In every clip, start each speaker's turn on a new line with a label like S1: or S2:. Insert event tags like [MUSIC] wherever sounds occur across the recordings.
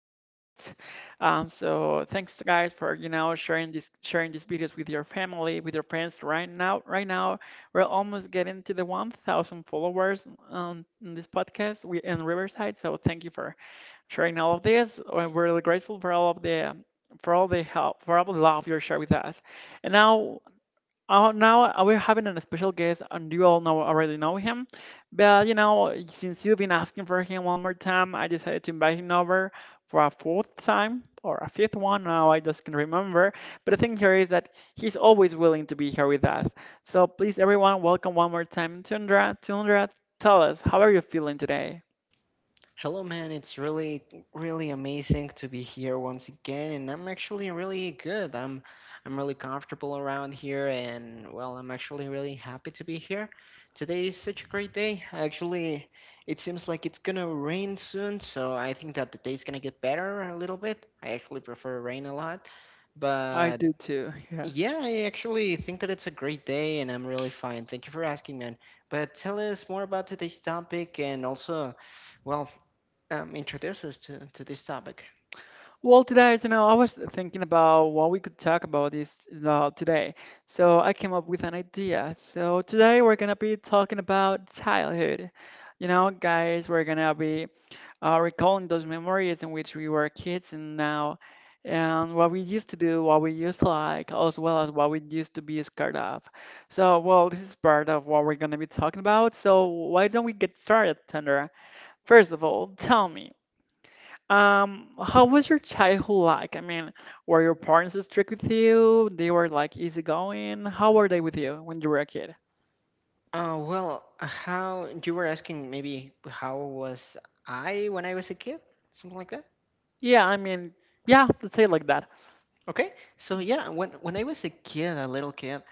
S1: podcast. So thanks guys for sharing this sharing these videos with your family, with your friends. Right now we're almost getting to the 1,000 followers on in this podcast in Riverside. So thank you for sharing all of this. We're really grateful for all of the for all the help, for all the love you share with us. And now, we're having a special guest, and you all know already know him. But since you've been asking for him one more time, I decided to invite him over for a fourth time or a fifth one. Now I just can not remember. But the thing here is that he's always willing to be here with us. So please, everyone, welcome one more time, Tundra. Tundra, tell us how are you feeling today?
S2: Hello, man. It's really, really amazing to be here once again, and I'm actually really good. I'm really comfortable around here, and well, I'm actually really happy to be here. Today is such a great day. Actually, it seems like it's gonna rain soon, so I think that the day's gonna get better a little bit. I actually prefer rain a lot,
S1: I
S2: but
S1: do too.
S2: yeah, I actually think that it's a great day, and I'm really fine. Thank you for asking, man. But tell us more about today's topic, and also. Well, introduce us to this topic.
S1: Well, today, I was thinking about what we could talk about this today. So I came up with an idea. So today we're gonna be talking about childhood. You know, guys, we're gonna be recalling those memories in which we were kids and what we used to do, what we used to like, as well as what we used to be scared of. So, well, this is part of what we're gonna be talking about. So why don't we get started, Thunder? First of all, tell me. How was your childhood like? I mean, were your parents strict with you? They were like easygoing. How were they with you when you were a kid?
S2: Well, how you were asking maybe how was I when I was a kid, something like that.
S1: Yeah, I mean, yeah, let's say it like that.
S2: Okay, so yeah, when I was a kid, a little kid,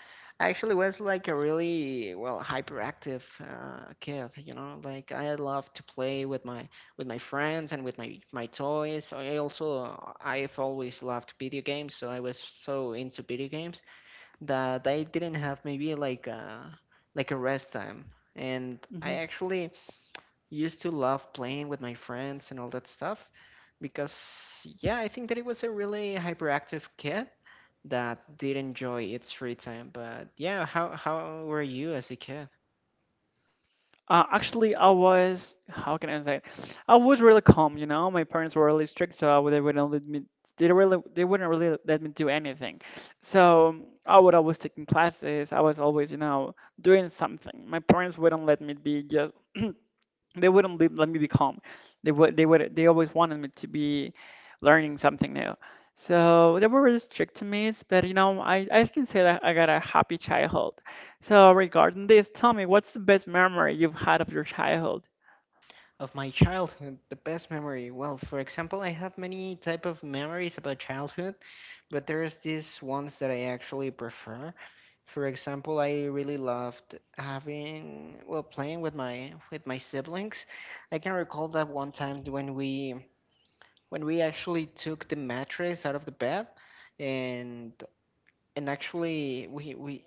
S2: I actually was like a really well hyperactive kid. You know, like I loved to play with my friends and with my toys. I also I've always loved video games, so I was so into video games. That I didn't have maybe like a rest time. And I
S1: Hmm.
S2: actually used to love playing with my friends and all that stuff because yeah, I think that it was a really hyperactive kid that did enjoy its free time. But yeah, how were you as a kid?
S1: Actually, I was, how can I say it? I was really calm. My parents were really strict, so they wouldn't let me. They wouldn't really let me do anything. So I would always taking classes. I was always, doing something. My parents wouldn't let me be just. [CLEARS THROAT] They wouldn't let me be calm. They always wanted me to be learning something new. So they were really strict to me, but I can say that I got a happy childhood. So regarding this, tell me, what's the best memory you've had of your childhood?
S2: Of my childhood, the best memory. Well, for example, I have many type of memories about childhood, but there's these ones that I actually prefer. For example, I really loved having, well, playing with my siblings. I can recall that one time when we actually took the mattress out of the bed and and actually we we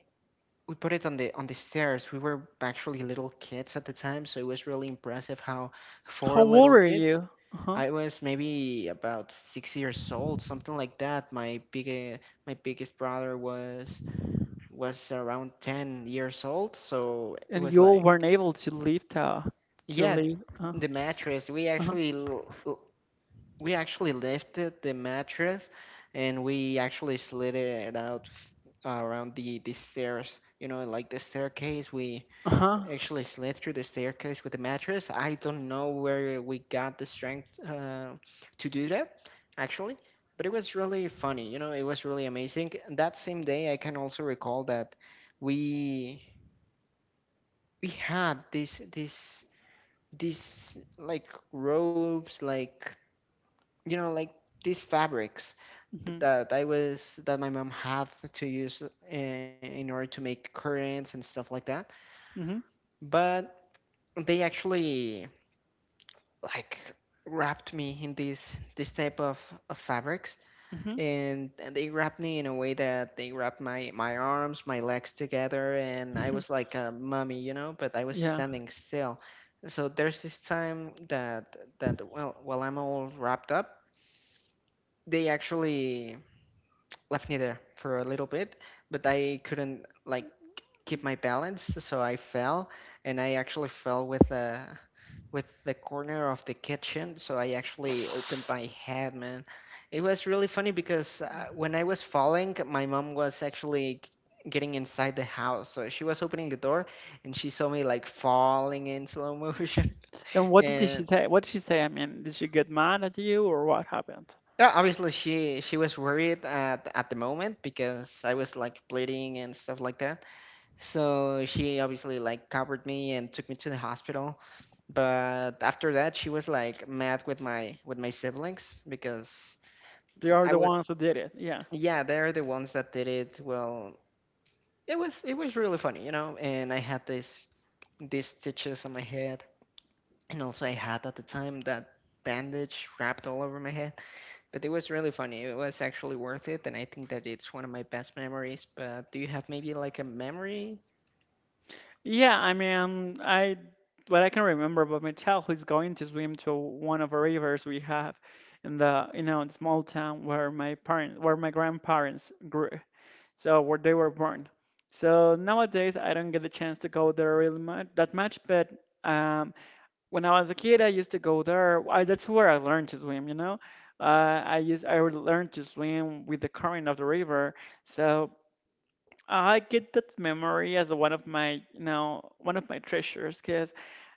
S2: we put it on the stairs. We were actually little kids at the time, so it was really impressive how
S1: How
S2: four
S1: old
S2: little
S1: were
S2: kids
S1: you? Uh-huh.
S2: I was maybe about 6 years old, something like that. My biggest brother was around 10 years old, so it
S1: And
S2: was
S1: you all
S2: like,
S1: weren't able to leave to
S2: yeah,
S1: leave.
S2: the mattress.
S1: Uh-huh.
S2: We actually lifted the mattress, and we actually slid it out f- around the stairs. You know, like the staircase. We
S1: Uh-huh.
S2: actually slid through the staircase with a mattress. I don't know where we got the strength to do that, actually, but it was really funny. You know, it was really amazing. That same day, I can also recall that we we had this like robes, like you know, like these fabrics
S1: Mm-hmm.
S2: that I was that my mom had to use in order to make curtains and stuff like that. But they actually like wrapped me in these this type of fabrics
S1: Mm-hmm. Mm-hmm.
S2: and they wrapped me in a way that they wrapped my arms my legs together, and I was
S1: [LAUGHS]
S2: like a mummy, you know, but I was
S1: Yeah.
S2: standing still. So there's this time that that well, while I'm all wrapped up, they actually left me there for a little bit, but I couldn't like keep my balance, so I fell, and I actually fell with the corner of the kitchen, so I actually opened my head, man. It was really funny because when I was falling, my mom was actually getting inside the house, so she was opening the door, and she saw me like falling in slow motion,
S1: And
S2: [LAUGHS]
S1: what did she
S2: and
S1: say? What did she say? I mean, did she get mad at you or what happened?
S2: yeah, obviously she was worried at the moment because I was like bleeding and stuff like that. So she obviously like covered me and took me to the hospital. But after that, she was like mad with my siblings because
S1: They are
S2: I
S1: the
S2: would
S1: ones who did it. Yeah.
S2: yeah, they're the ones that did it. Well, it was really funny, you know. And I had this these stitches on my head, and also I had at the time that bandage wrapped all over my head. But it was really funny. It was actually worth it, and I think that it's one of my best memories. But do you have maybe like a memory?
S1: Yeah, I mean, I what I can remember about my childhood is going to swim to one of the rivers we have in the small town where where my grandparents grew, so where they were born. So nowadays I don't get the chance to go there really much that much, but um, when I was a kid, I used to go there. That's where I learned to swim. I would learn to swim with the current of the river, so I get that memory as one of my treasures, because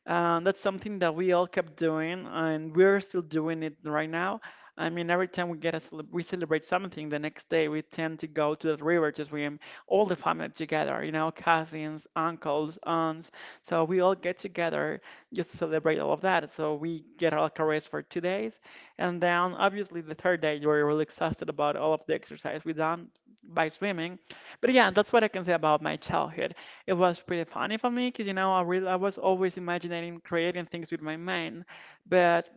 S1: that's something that we all kept doing, and we're still doing it right now. I mean, every time we get a cele we celebrate something, the next day we tend to go to the river to swim, all the family together, cousins, uncles, aunts. So we all get together just to celebrate all of that. So we get our rest for 2 days, and then obviously the third day we're really exhausted about all of the exercise we done by swimming. But yeah, that's what I can say about my childhood. It was pretty funny for me because I was always imagining creating things with my mind, but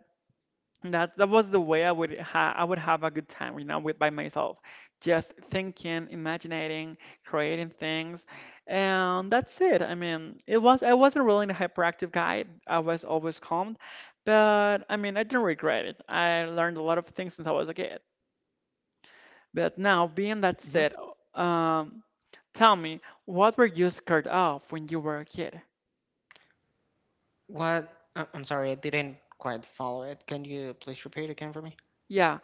S1: that was the way I would have a good time, with by myself, just thinking, imagining, creating things, and that's it. I mean, it was I wasn't really a hyperactive guy. I was always calm, but I mean, I didn't regret it. I learned a lot of things since I was a kid. But now, being that said, um, tell me, what were you scared of when you were a kid?
S2: What? I'm sorry, I didn't quite follow it. Can you please repeat again for me?
S1: Yeah,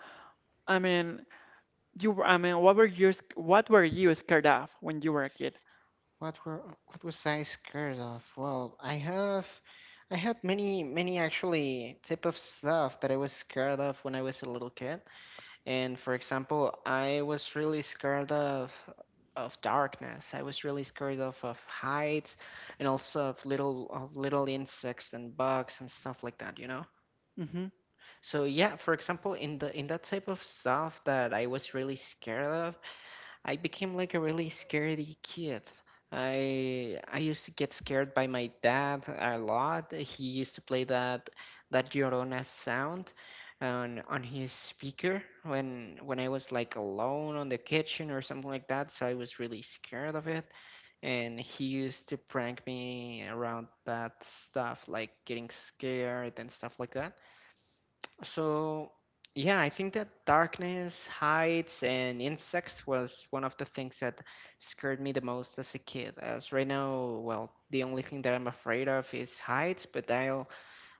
S1: I mean, I mean, what were you scared of when you were a kid?
S2: What was I scared of? Well, I had many actually type of stuff that I was scared of when I was a little kid. And for example, I was really scared of darkness. I was really scared of heights and also of little insects and bugs and stuff like that, you know?
S1: Hmm.
S2: So yeah, for example, in the in that type of stuff that I was really scared of, I became like a really scaredy kid. I used to get scared by my dad a lot. He used to play that Llorona sound on his speaker when I was like alone on the kitchen or something like that, so I was really scared of it. And he used to prank me around that stuff, like getting scared and stuff like that. So, yeah, I think that darkness, heights, and insects was one of the things that scared me the most as a kid. As right now, well, the only thing that I'm afraid of is heights, but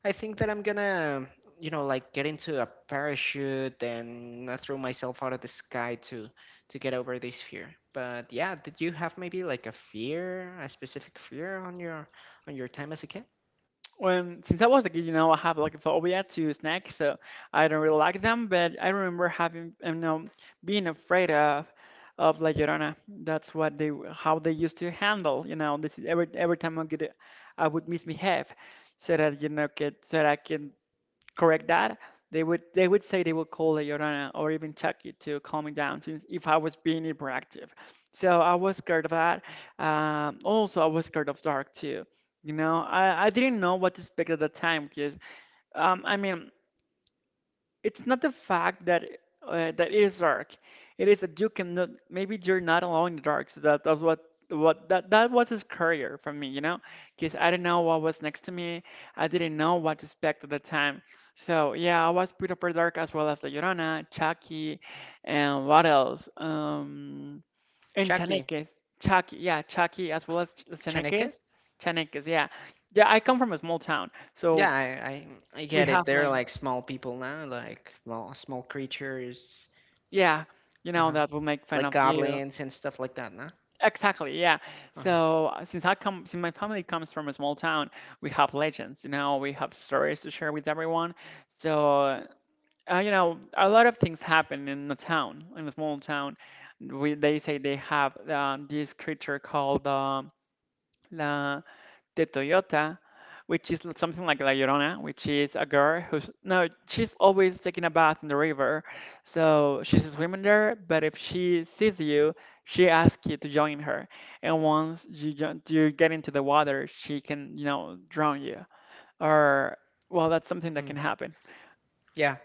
S2: I think that I'm gonna, you know, like get into a parachute and throw myself out of the sky to get over this fear. But yeah, did you have maybe like a fear, a specific fear on your time as a kid?
S1: Since I was a kid, I have like a phobia to snakes, so I don't really like them, but I remember having, being afraid of La Llorona. That's what how they used to handle, you know, this is every time I get, I would misbehave so that you know get so that I can correct that, they would call La Llorona or even Chucky to calm me down since if I was being hyperactive. So I was scared of that. Also, I was scared of dark too. You know, I didn't know what to expect at the time because I mean it's not the fact that that it is dark. It is that you cannot. Maybe you're not alone in the dark. So that's what that was his career for me, because I didn't know what was next to me. I didn't know what to expect at the time. So yeah, I was pretty for dark as well as La Llorona, Chucky, and what else? And
S2: Chucky,
S1: Chaneques, Chucky, yeah, Chucky as well as Chaneques,
S2: Chaneques?
S1: Chaneques, yeah, yeah. I come from a small town,
S2: Yeah,
S1: so
S2: I
S1: we
S2: get
S1: have
S2: it. They're
S1: like.
S2: like small people now, like small creatures,
S1: Yeah, you know
S2: uh-huh,
S1: that will make fun
S2: like
S1: of you.
S2: goblins and stuff like that, no?
S1: Exactly, yeah.
S2: Uh-huh.
S1: So since my family comes from a small town, we have legends. You know, we have stories to share with everyone. So a lot of things happen in a town, in a small town. We They say they have this creature called um, the Toyota, which is something like La Llorona, which is a girl who's no, she's always taking a bath in the river. So she's swimming there, but if she sees you, she asks you to join her. And once you get into the water, she can, drown you. Or well, that's something that
S2: Mhm.
S1: can happen.
S2: Yeah.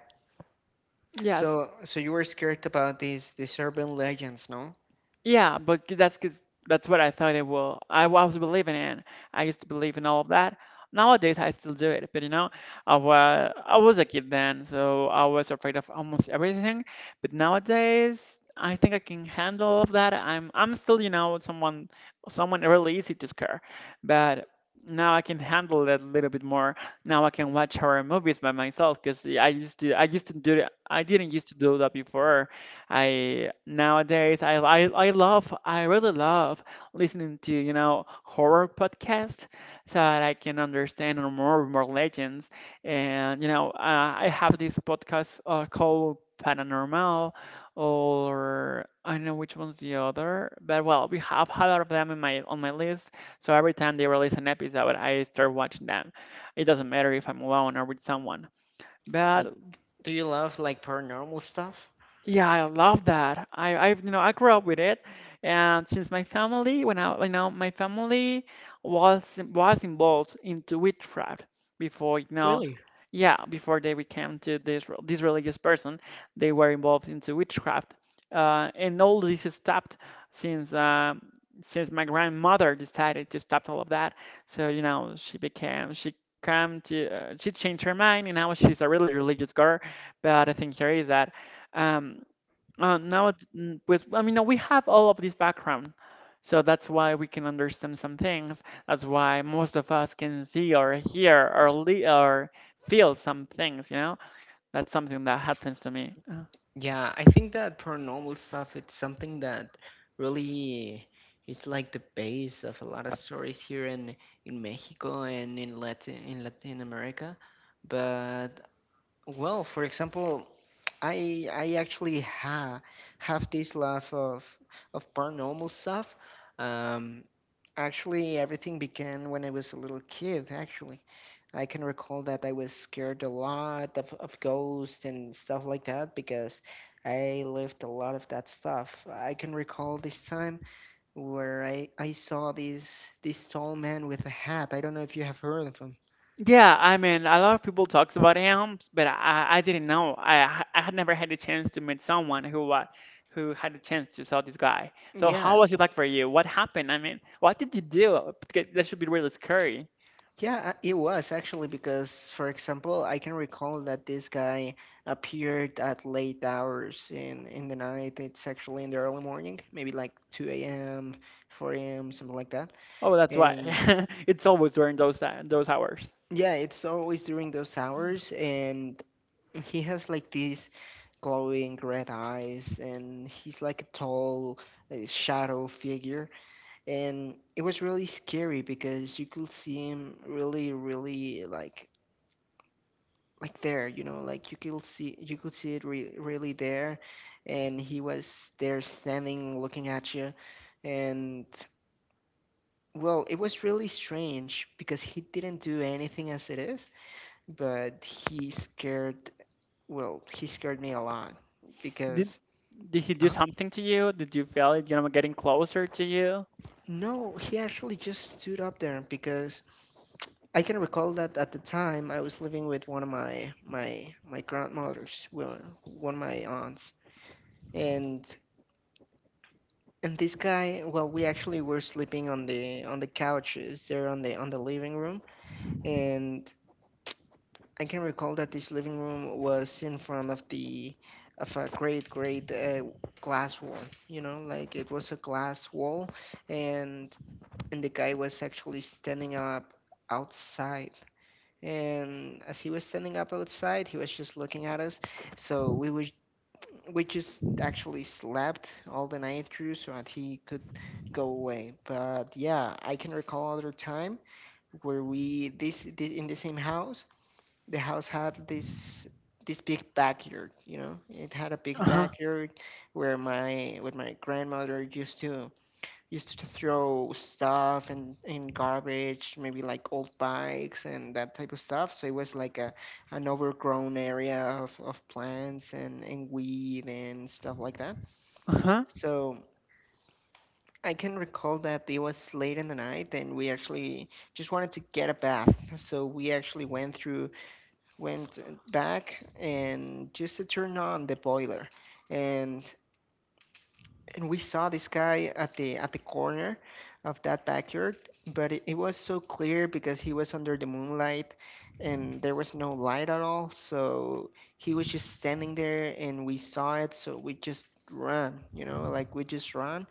S1: Yes.
S2: So so you were scared about these urban legends, no?
S1: Yeah, but that's what I thought it will. I was believing in. I used to believe in all of that. Nowadays, I still do it, but I was a kid then, so I was afraid of almost everything. But nowadays, I think I can handle all of that. I'm still, someone really easy to scare, but now I can handle it a little bit more. Now I can watch horror movies by myself because I used to do it. I didn't used to do that before. I nowadays I really love listening to horror podcasts so that I can understand more legends and I have this podcast called Paranormal or I don't know which one's the other but well we have a lot of them in my on my list so every time they release an episode I start watching them. It doesn't matter if I'm alone or with someone.
S2: Like,
S1: But
S2: do you love like paranormal stuff?
S1: yeah, I love that. I grew up with it, and since my family, when I, you know, my family was involved into witchcraft before, you know,
S2: Really?
S1: yeah, before they became to this religious person, they were involved into witchcraft, And all this is stopped since um, since my grandmother decided to stop all of that. So, she came to she changed her mind, and now she's a really religious girl. But the thing here is that. Um, Now it's mm, with I mean, no, we have all of this background, so that's why we can understand some things. That's why most of us can see or hear or feel some things. You know, that's something that happens to me. Uh,
S2: Yeah, I think that paranormal stuff, it's something that really is like the base of a lot of stories here in Mexico and in Latin America. But well, for example, I actually ha have this love of paranormal stuff. Um, Actually, everything began when I was a little kid, actually. I can recall that I was scared a lot of ghosts and stuff like that because I lived a lot of that stuff. I can recall this time where I saw this tall man with a hat. I don't know if you have heard of him.
S1: yeah, I mean a lot of people talks about him, but I didn't know. I had never had a chance to meet someone who had a chance to saw this guy. So
S2: Yeah,
S1: how was it like for you? What happened? I mean, what did you do? Because that should be really scary.
S2: yeah, it was actually because, for example, I can recall that this guy appeared at late hours in the night. It's actually in the early morning, maybe like 2 a.m., 4 a.m., something like that.
S1: Oh, that's why.
S2: And
S1: [LAUGHS] It's always during those hours.
S2: yeah, it's always during those hours. And he has like these glowing red eyes, and he's like a tall shadow figure. And it was really scary because you could see him really, really like there, you know, like you could see it re really there, and he was there standing looking at you, and well, it was really strange because he didn't do anything as it is, but he scared, well, he scared me a lot
S1: Did
S2: because
S1: Did he do
S2: uh,
S1: something to you? Did you feel it, getting closer to you?
S2: no, he actually just stood up there because I can recall that at the time I was living with one of my grandmothers, well, one of my aunts. And And this guy, well, we actually were sleeping on the couches there on the living room, and I can recall that this living room was in front of the of a great glass wall. You know, like it was a glass wall, and and the guy was actually standing up outside. And as he was standing up outside, he was just looking at us. So we just actually slept all the night through so that he could go away. But yeah, I can recall other time where this in the same house. The house had this big backyard, you know. It had a big
S1: Uh-huh.
S2: backyard where my with my grandmother used to throw stuff and in garbage, maybe like old bikes and that type of stuff. So it was like a an overgrown area of plants and weed and stuff like that.
S1: Uh-huh.
S2: So I can recall that it was late in the night, and we actually just wanted to get a bath. So we actually went through went back and just to turn on the boiler. And and we saw this guy at the corner of that backyard, but it was so clear because he was under the moonlight, and there was no light at all, so he was just standing there and we saw it, so we just ran, you know, like we just ran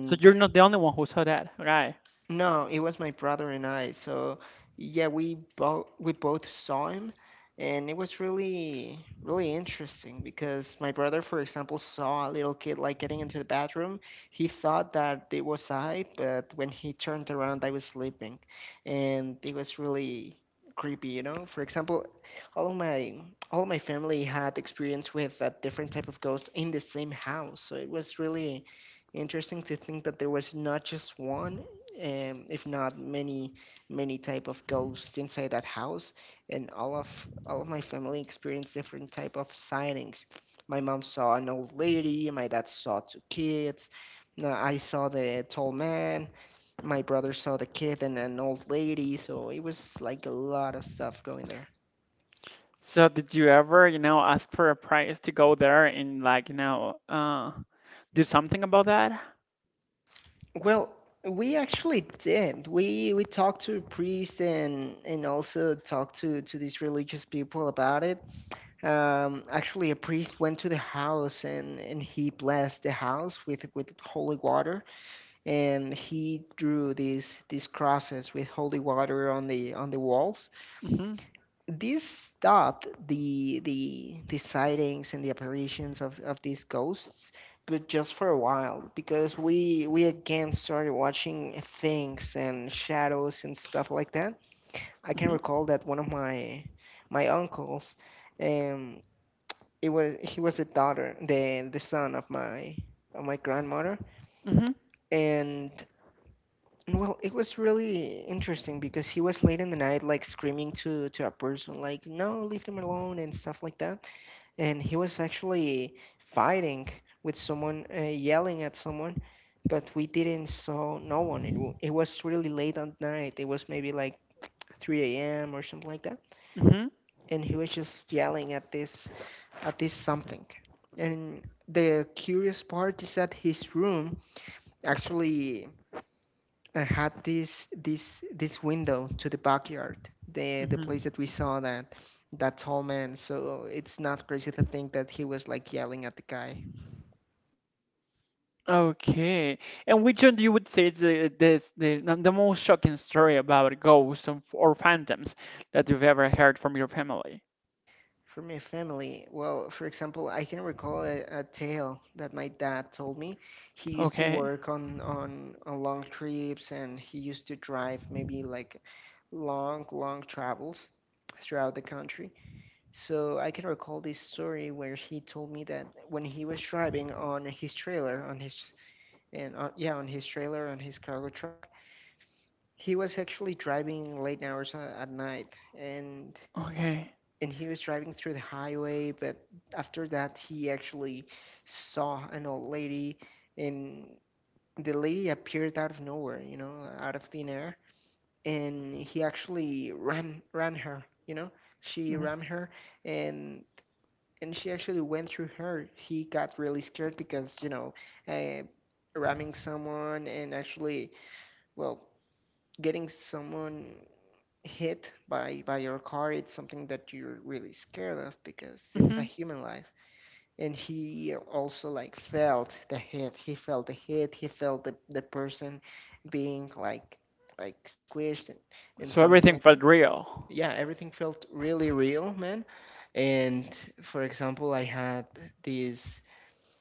S1: So you're not the only one who saw that, right?
S2: No, it was my brother and I. So yeah, we both saw him, and it was really, really interesting because my brother, for example, saw a little kid like getting into the bathroom. He thought that it was I, but when he turned around, I was sleeping, and it was really creepy. For example, all of my all of my family had experience with a different type of ghost in the same house, so it was really interesting to think that there was not just one, if not many type of ghosts inside that house, and all of my family experienced different type of sightings. My mom saw an old lady. My dad saw two kids. No, I saw the tall man. My brother saw the kid and an old lady, so it was like a lot of stuff going there.
S1: So did you ever, you know, ask for a price to go there and like, you know, do something about that?
S2: Well, we actually did. We talked to priests and also talked to these religious people about it. Actually, a priest went to the house, and he blessed the house with holy water, and he drew these crosses with holy water on the walls.
S1: Mm-hmm.
S2: This stopped the sightings and the apparitions of these ghosts, but just for a while, because we again started watching things and shadows and stuff like that. I can recall
S1: Mm-hmm.
S2: that one of my uncles. Um, it was he was the daughter, the son of my grandmother,
S1: Mm-hmm.
S2: and and well, it was really interesting because he was late in the night, like screaming to a person, like, no, leave them alone and stuff like that. And he was actually fighting with someone, yelling at someone. But we didn't saw no one. It was really late at night. It was maybe like 3 a.m or something like that.
S1: Mm-hmm.
S2: And he was just yelling at this, something. And the curious part is that his room, actually, had this window to the backyard, the place
S1: Mm-hmm.
S2: that we saw that tall man. So it's not crazy to think that he was like yelling at the guy.
S1: Okay. And which one do you would say is the most shocking story about ghosts or phantoms that you've ever heard from your family?
S2: For my family, well, for example, I can recall a tale that my dad told me. He used to
S1: Okay.
S2: work on long trips, and he used to drive maybe like long, long travels throughout the country. So I can recall this story where he told me that when he was driving on his trailer, on his and on, yeah, on his trailer, on his cargo truck, he was actually driving late hours at night,
S1: Okay.
S2: and he was driving through the highway. But after that, he actually saw an old lady, and the lady appeared out of nowhere, out of thin air, and he actually ran her. She ran her, and and she actually went through her. He got really scared because, uh, ramming someone, and, actually, well, getting someone hit by your car, it's something that you're really scared of, because it's a
S1: Mm-hmm.
S2: human life. And he also, like, felt the hit. He felt the person being like squished, and
S1: So
S2: something
S1: everything
S2: like that.
S1: felt real.
S2: Yeah, everything felt really real, man. And, for example, I had this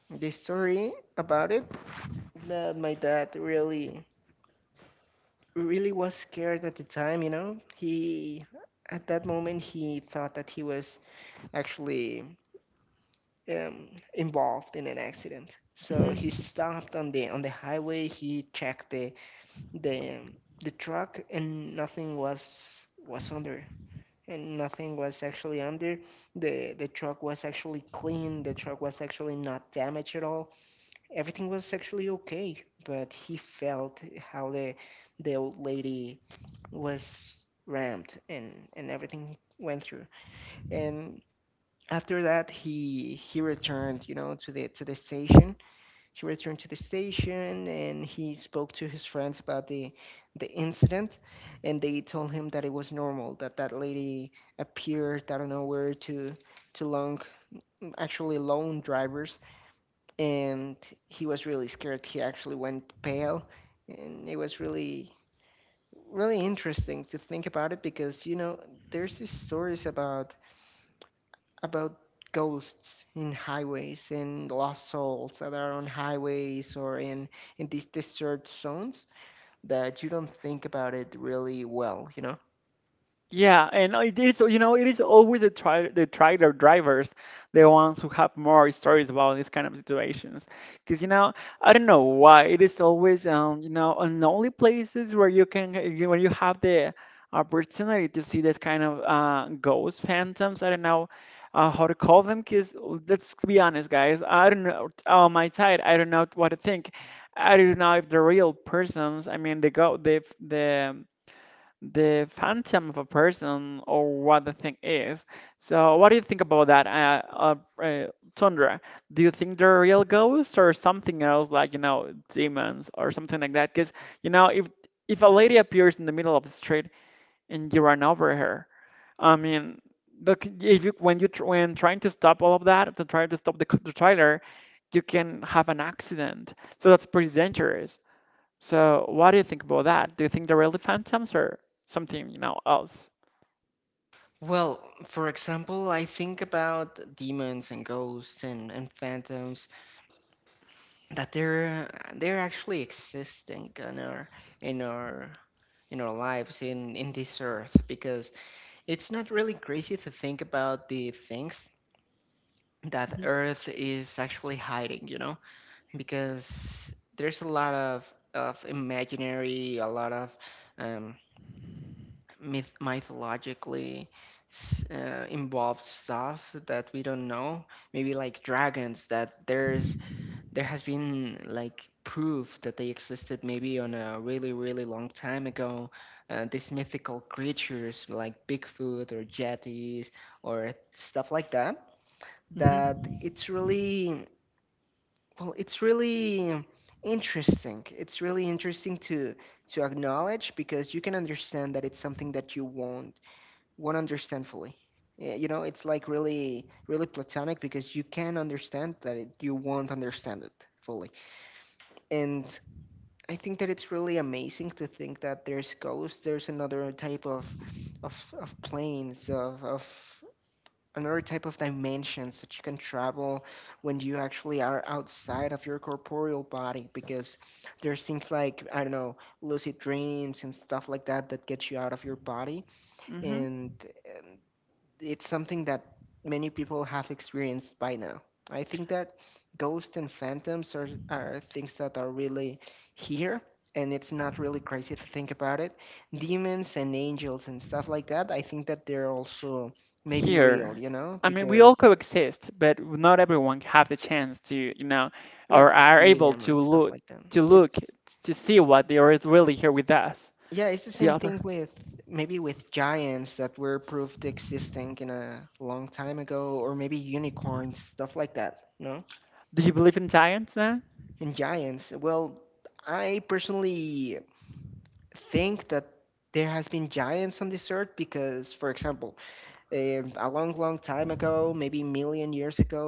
S2: this story about it, that my dad really, really was scared at the time. At that moment, he thought that he was actually, um, involved in an accident. So he
S1: Hmm.
S2: stopped on the highway. He checked the um, the truck, and nothing was under, and nothing was actually under. The truck was actually clean. The truck was actually not damaged at all. Everything was actually okay, but he felt how the old lady was rammed, and everything he went through. And after that, he returned, to the station. He returned to the station, and he spoke to his friends about the incident, and they told him that it was normal, that that lady appeared out of nowhere to long actually lone drivers. And he was really scared. He actually went pale, and it was really, really interesting to think about it, because there's these stories about ghosts in highways and lost souls that are on highways or in these disturbed zones that you don't think about it really well.
S1: Yeah, and it is, you know, it is always the trailer drivers, the ones who have more stories about these kind of situations. Because, you know, I don't know why it is always, you know, on the only places where you can, where you have the opportunity to see this kind of ghosts, phantoms. I don't know how to call them. Because let's be honest, guys, I don't know. On my side, I don't know what to think. I don't know if the real persons, I mean, the the phantom of a person or what the thing is. So, what do you think about that, uh, uh, Tundra? Do you think they're real ghosts or something else, like, you know, demons or something like that? Because, you know, if a lady appears in the middle of the street and you run over her, I mean, the, if you when trying to stop all of that, to try to stop the trailer, you can have an accident. So that's pretty dangerous. So what do you think about that? Do you think they're really phantoms or something, you know, else?
S2: Well, for example, I think about demons and ghosts and phantoms, that they're actually existing in our in our in our lives in this earth, because it's not really crazy to think about the things that earth is actually hiding, because there's a lot of imaginary, a lot of, um mythologically involved stuff that we don't know. Maybe like dragons, that there has been like proof that they existed, maybe on a really, really long time ago. These mythical creatures like Bigfoot or yetis or stuff like that,
S1: Hmm.
S2: that it's really, well, it's really interesting to acknowledge, because you can understand that it's something that you won't understand fully. Yeah, it's like really, really platonic, because you can understand that, you won't understand it fully. And I think that it's really amazing to think that there's ghosts, there's another type of planes, of another type of dimensions that you can travel when you actually are outside of your corporeal body because there's things like, I don't know, lucid dreams and stuff like that that get you out of your body.
S1: Hmm.
S2: And, and it's something that many people have experienced by now. I think that ghosts and phantoms are things that are really here, and it's not really crazy to think about it. Demons and angels and stuff like that, I think that they're also maybe real,
S1: Here,
S2: you know,
S1: I mean, we all
S2: because
S1: coexist, but not everyone have the chance to, you know,
S2: yeah,
S1: or
S2: to
S1: are
S2: see
S1: able
S2: them and
S1: to
S2: stuff like that.
S1: look
S2: It's
S1: to see what there is really here with us.
S2: yeah, it's the
S1: The
S2: same
S1: other.
S2: thing with, maybe, with giants that were proved existing in a long time ago, or maybe unicorns, stuff like that, no?
S1: Do you believe in giants then?
S2: And giants, well, I personally think that there has been giants on this earth because, for example, a long, long time ago, maybe a million years ago,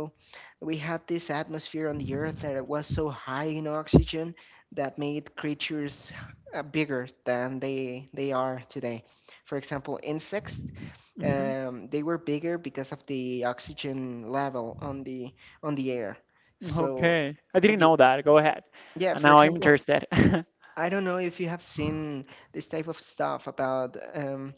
S2: we had this atmosphere on the earth that it was so high in oxygen, that made creatures, bigger than they are today. For example, insects,
S1: Hmm.
S2: um, they were bigger because of the oxygen level on the air. So,
S1: Okay, I didn't
S2: ye-
S1: know that. Go ahead,
S2: yeah,
S1: and
S2: for
S1: now I'm
S2: example,
S1: interested. [LAUGHS]
S2: I don't know if you have seen this type of stuff about,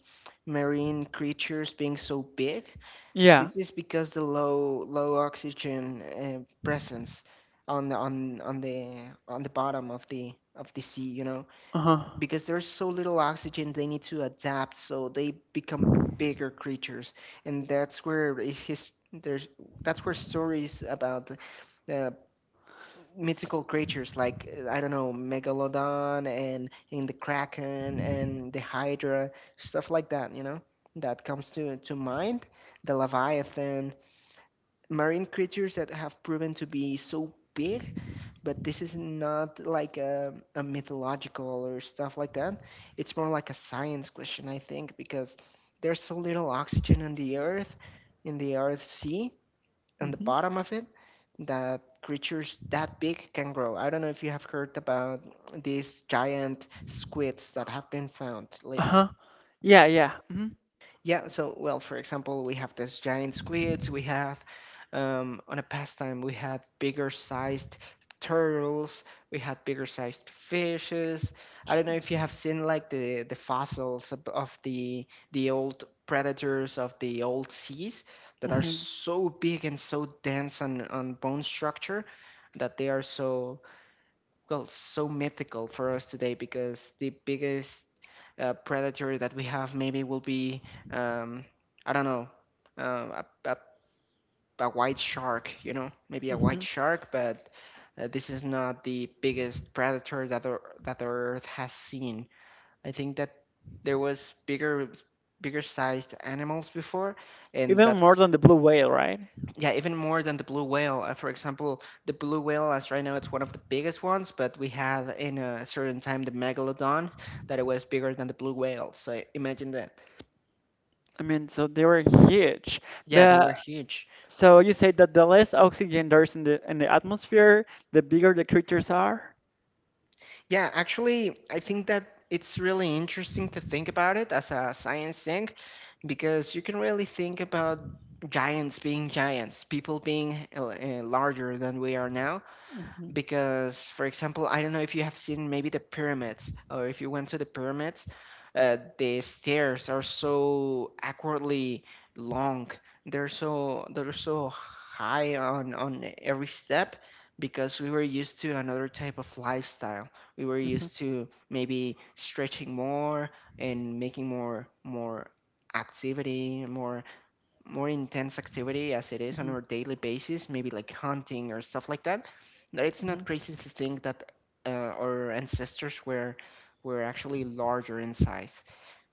S2: marine creatures being so big.
S1: Yeah.
S2: This is because the low oxygen, presence on the on the bottom of the sea,
S1: Uh-huh.
S2: because there's so little oxygen, they need to adapt, so they become bigger creatures, and that's where is his there's that's where stories about, uh, mythical creatures like, I don't know, Megalodon, and in the Kraken, and the Hydra, stuff like that, that comes to mind, the Leviathan, marine creatures that have proven to be so big. But this is not like a mythological or stuff like that. It's more like a science question, I think, because there's so little oxygen on the earth in the earth sea, on the
S1: Hmm.
S2: bottom of it, that creatures that big can grow. I don't know if you have heard about these giant squids that have been found lately.
S1: Uh-huh. Yeah, yeah.
S2: Yeah, so, well, for example, we have these giant squids. We have, on a pastime, we had bigger sized turtles. We had bigger sized fishes. I don't know if you have seen like the fossils of the old predators of the old seas, that are
S1: Mm-hmm.
S2: so big and so dense on bone structure, that they are so mythical for us today, because the biggest, predator that we have maybe will be, um, I don't know, uh, a, a, a white shark, maybe a
S1: Mm-hmm.
S2: white shark. But, this is not the biggest predator that the earth has seen. I think that there was bigger sized animals before, and
S1: Even more
S2: that's—
S1: than the blue whale, right?
S2: Yeah, even more than the blue whale. For example, the blue whale, as right now, it's one of the biggest ones, but we had in a certain time the megalodon, that it was bigger than the blue whale. So imagine that.
S1: I mean, so they were huge.
S2: Yeah, they were
S1: But
S2: huge.
S1: so you say that the less oxygen there is in the atmosphere, the bigger the creatures are.
S2: Yeah, actually, I think that it's really interesting to think about it as a science thing, because you can really think about giants being giants, people being, larger than we are now.
S1: Hmm.
S2: Because for example I don't know if you have seen maybe the pyramids, or if you went to the pyramids, the stairs are so awkwardly long. They're so They're so high on every step, because we were used to another type of lifestyle. We were
S1: Hmm.
S2: used to maybe stretching more and making more activity, more intense activity as it is on our daily basis, maybe like hunting or stuff like that, that it's
S1: Hmm.
S2: not crazy to think that our ancestors were actually larger in size.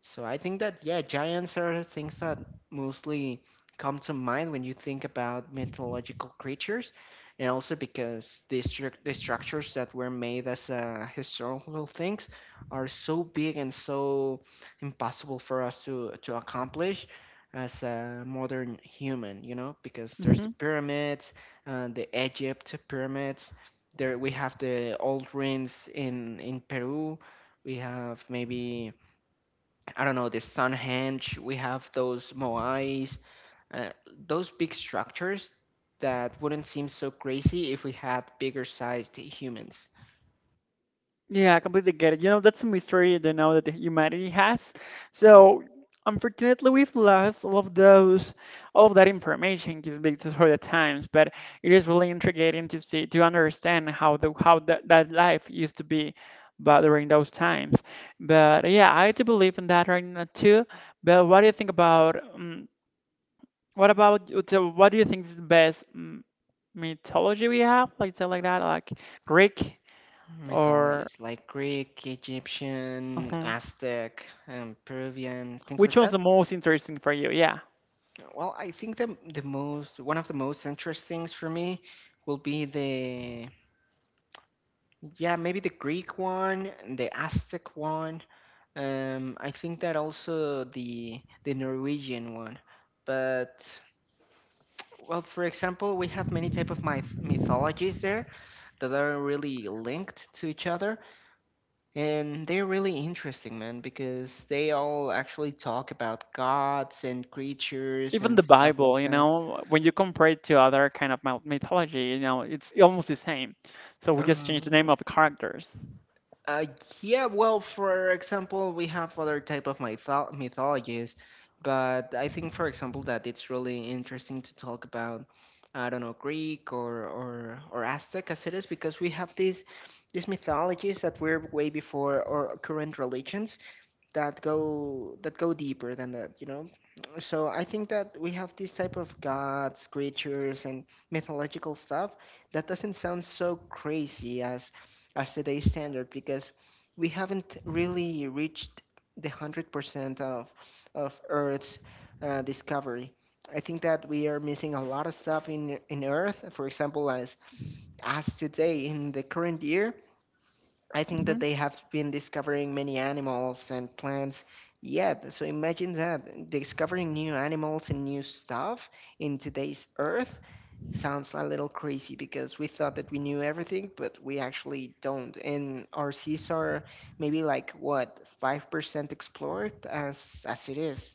S2: So I think that, yeah, giants are things that mostly come to mind when you think about mythological creatures, and also because the structures that were made as historical things are so big and so impossible for us to accomplish as a modern human, you know, because there's the
S1: Hmm.
S2: pyramids, the Egypt pyramids. There we have the old ruins in Peru. We have maybe, I don't know, the Stonehenge. We have those moais, uh, those big structures that wouldn't seem so crazy if we had bigger sized humans.
S1: Yeah, I completely get it. You know, that's a mystery that now that the humanity has. So, unfortunately, we've lost all of those, all of that information just because for the times. But it is really intriguing to see, to understand how the how that that life used to be, but during those times. But yeah, I do believe in that right now too. But what do you think about what about so what do you think is the best mythology we have? Like say like that, like Greek or.
S2: Mythologies like Greek, Egyptian,
S1: Uh-huh.
S2: Aztec, Peruvian, things
S1: Which
S2: like
S1: one's
S2: that.
S1: the most interesting for you? Yeah.
S2: Well, I think the most, one of the most interesting things for me will be the, yeah, maybe the Greek one, the Aztec one. I think that also the Norwegian one. But well, for example, we have many type of mythologies there that are really linked to each other, and they're really interesting, man, because they all actually talk about gods and creatures
S1: Even
S2: and
S1: the
S2: stuff like
S1: Bible, you
S2: that.
S1: know, when you compare it to other kind of mythology, you know, it's almost the same. So we just changed the name
S2: Um,
S1: of the characters.
S2: Uh, yeah, well, for example, we have other type of mythologies, but I think, for example, that it's really interesting to talk about, I don't know, Greek or Aztec as it is, because we have these mythologies that were way before our current religions, that go deeper than that, you know. So I think that we have this type of gods, creatures and mythological stuff that doesn't sound so crazy as today's standard, because we haven't really reached the 100% of earth's discovery. I think that we are missing a lot of stuff in earth, for example, as today in the current year. I think that
S1: Hmm.
S2: they have been discovering many animals and plants yet. So imagine that discovering new animals and new stuff in today's Earth sounds a little crazy, because we thought that we knew everything, but we actually don't. And our seas are maybe like, what, 5% explored as it is.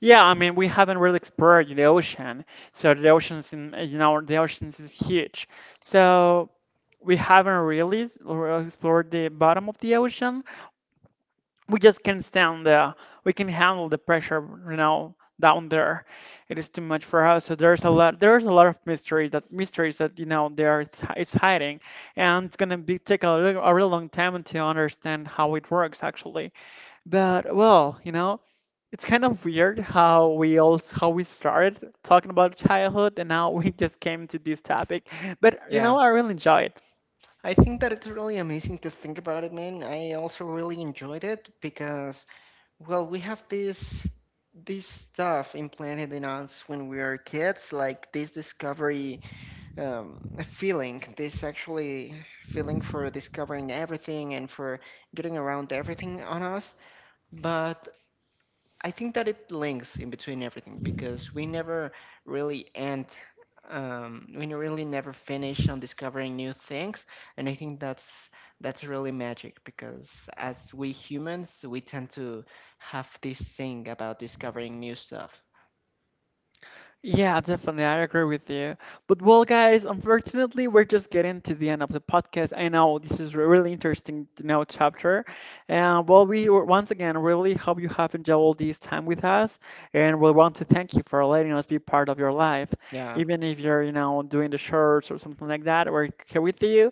S1: Yeah, I mean, we haven't really explored the ocean. So the oceans in, you know, the oceans is huge. So we haven't really s- or explored the bottom of the ocean. We just can't stand the, we can handle the pressure, you know, down there. It is too much for us, so there's a lot of mystery that mysteries that, you know, there it's, it's hiding, and it's gonna be take a, a real long time to understand how it works actually. But well, you know, it's kind of weird how we all how we started talking about childhood and now [LAUGHS] we just came to this topic, but you know
S2: Yeah.
S1: I really enjoy it.
S2: I think that it's really amazing to think about it, man. I also really enjoyed it because, well, we have this stuff implanted in us when we are kids, like this discovery, um, feeling, this actually feeling for discovering everything and for getting around everything on us. But I think that it links in between everything, because we never really end, we really never finish on discovering new things, and I think that's really magic, because as we humans, we tend to have this thing about discovering new stuff.
S1: Yeah, definitely. I agree with you. But well, guys, unfortunately, we're just getting to the end of the podcast. I know this is a really interesting, you know, chapter. And well, once again really hope you have enjoyed all this time with us, and we want to thank you for letting us be part of your life,
S2: Yeah,
S1: even if you're, you know, doing the shirts or something like that. We're here with you,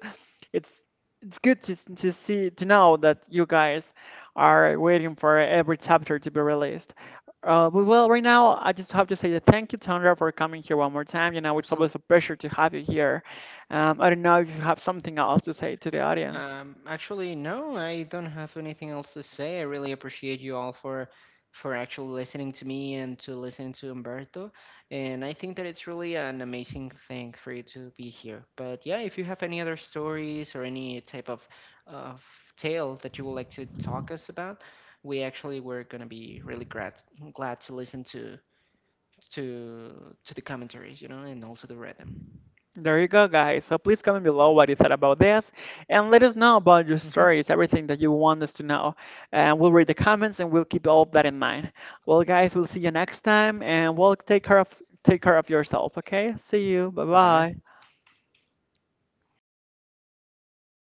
S1: it's it's good to see to know that you guys are waiting for every chapter to be released. But well, right now I just have to say that thank you, Tondra, for coming here one more time. You know, it's always a
S2: absolutely.
S1: pleasure to have you here. I don't know if you have something else to say to the audience.
S2: Actually, no, I don't have anything else to say. I really appreciate you all for actually listening to me and to listen to Umberto. And I think that it's really an amazing thing for you to be here. But yeah, if you have any other stories or any type of tale that you would like to talk us about, we actually were gonna be really glad to listen to the commentaries, you know, and also to read them.
S1: There you go, guys. So please comment below what you thought about this and let us know about your
S2: Hmm.
S1: stories, everything that you want us to know. And we'll read the comments and we'll keep all of that in mind. Well, guys, we'll see you next time and we'll take care of yourself, okay? See you.
S2: Bye bye.
S1: Bye-bye.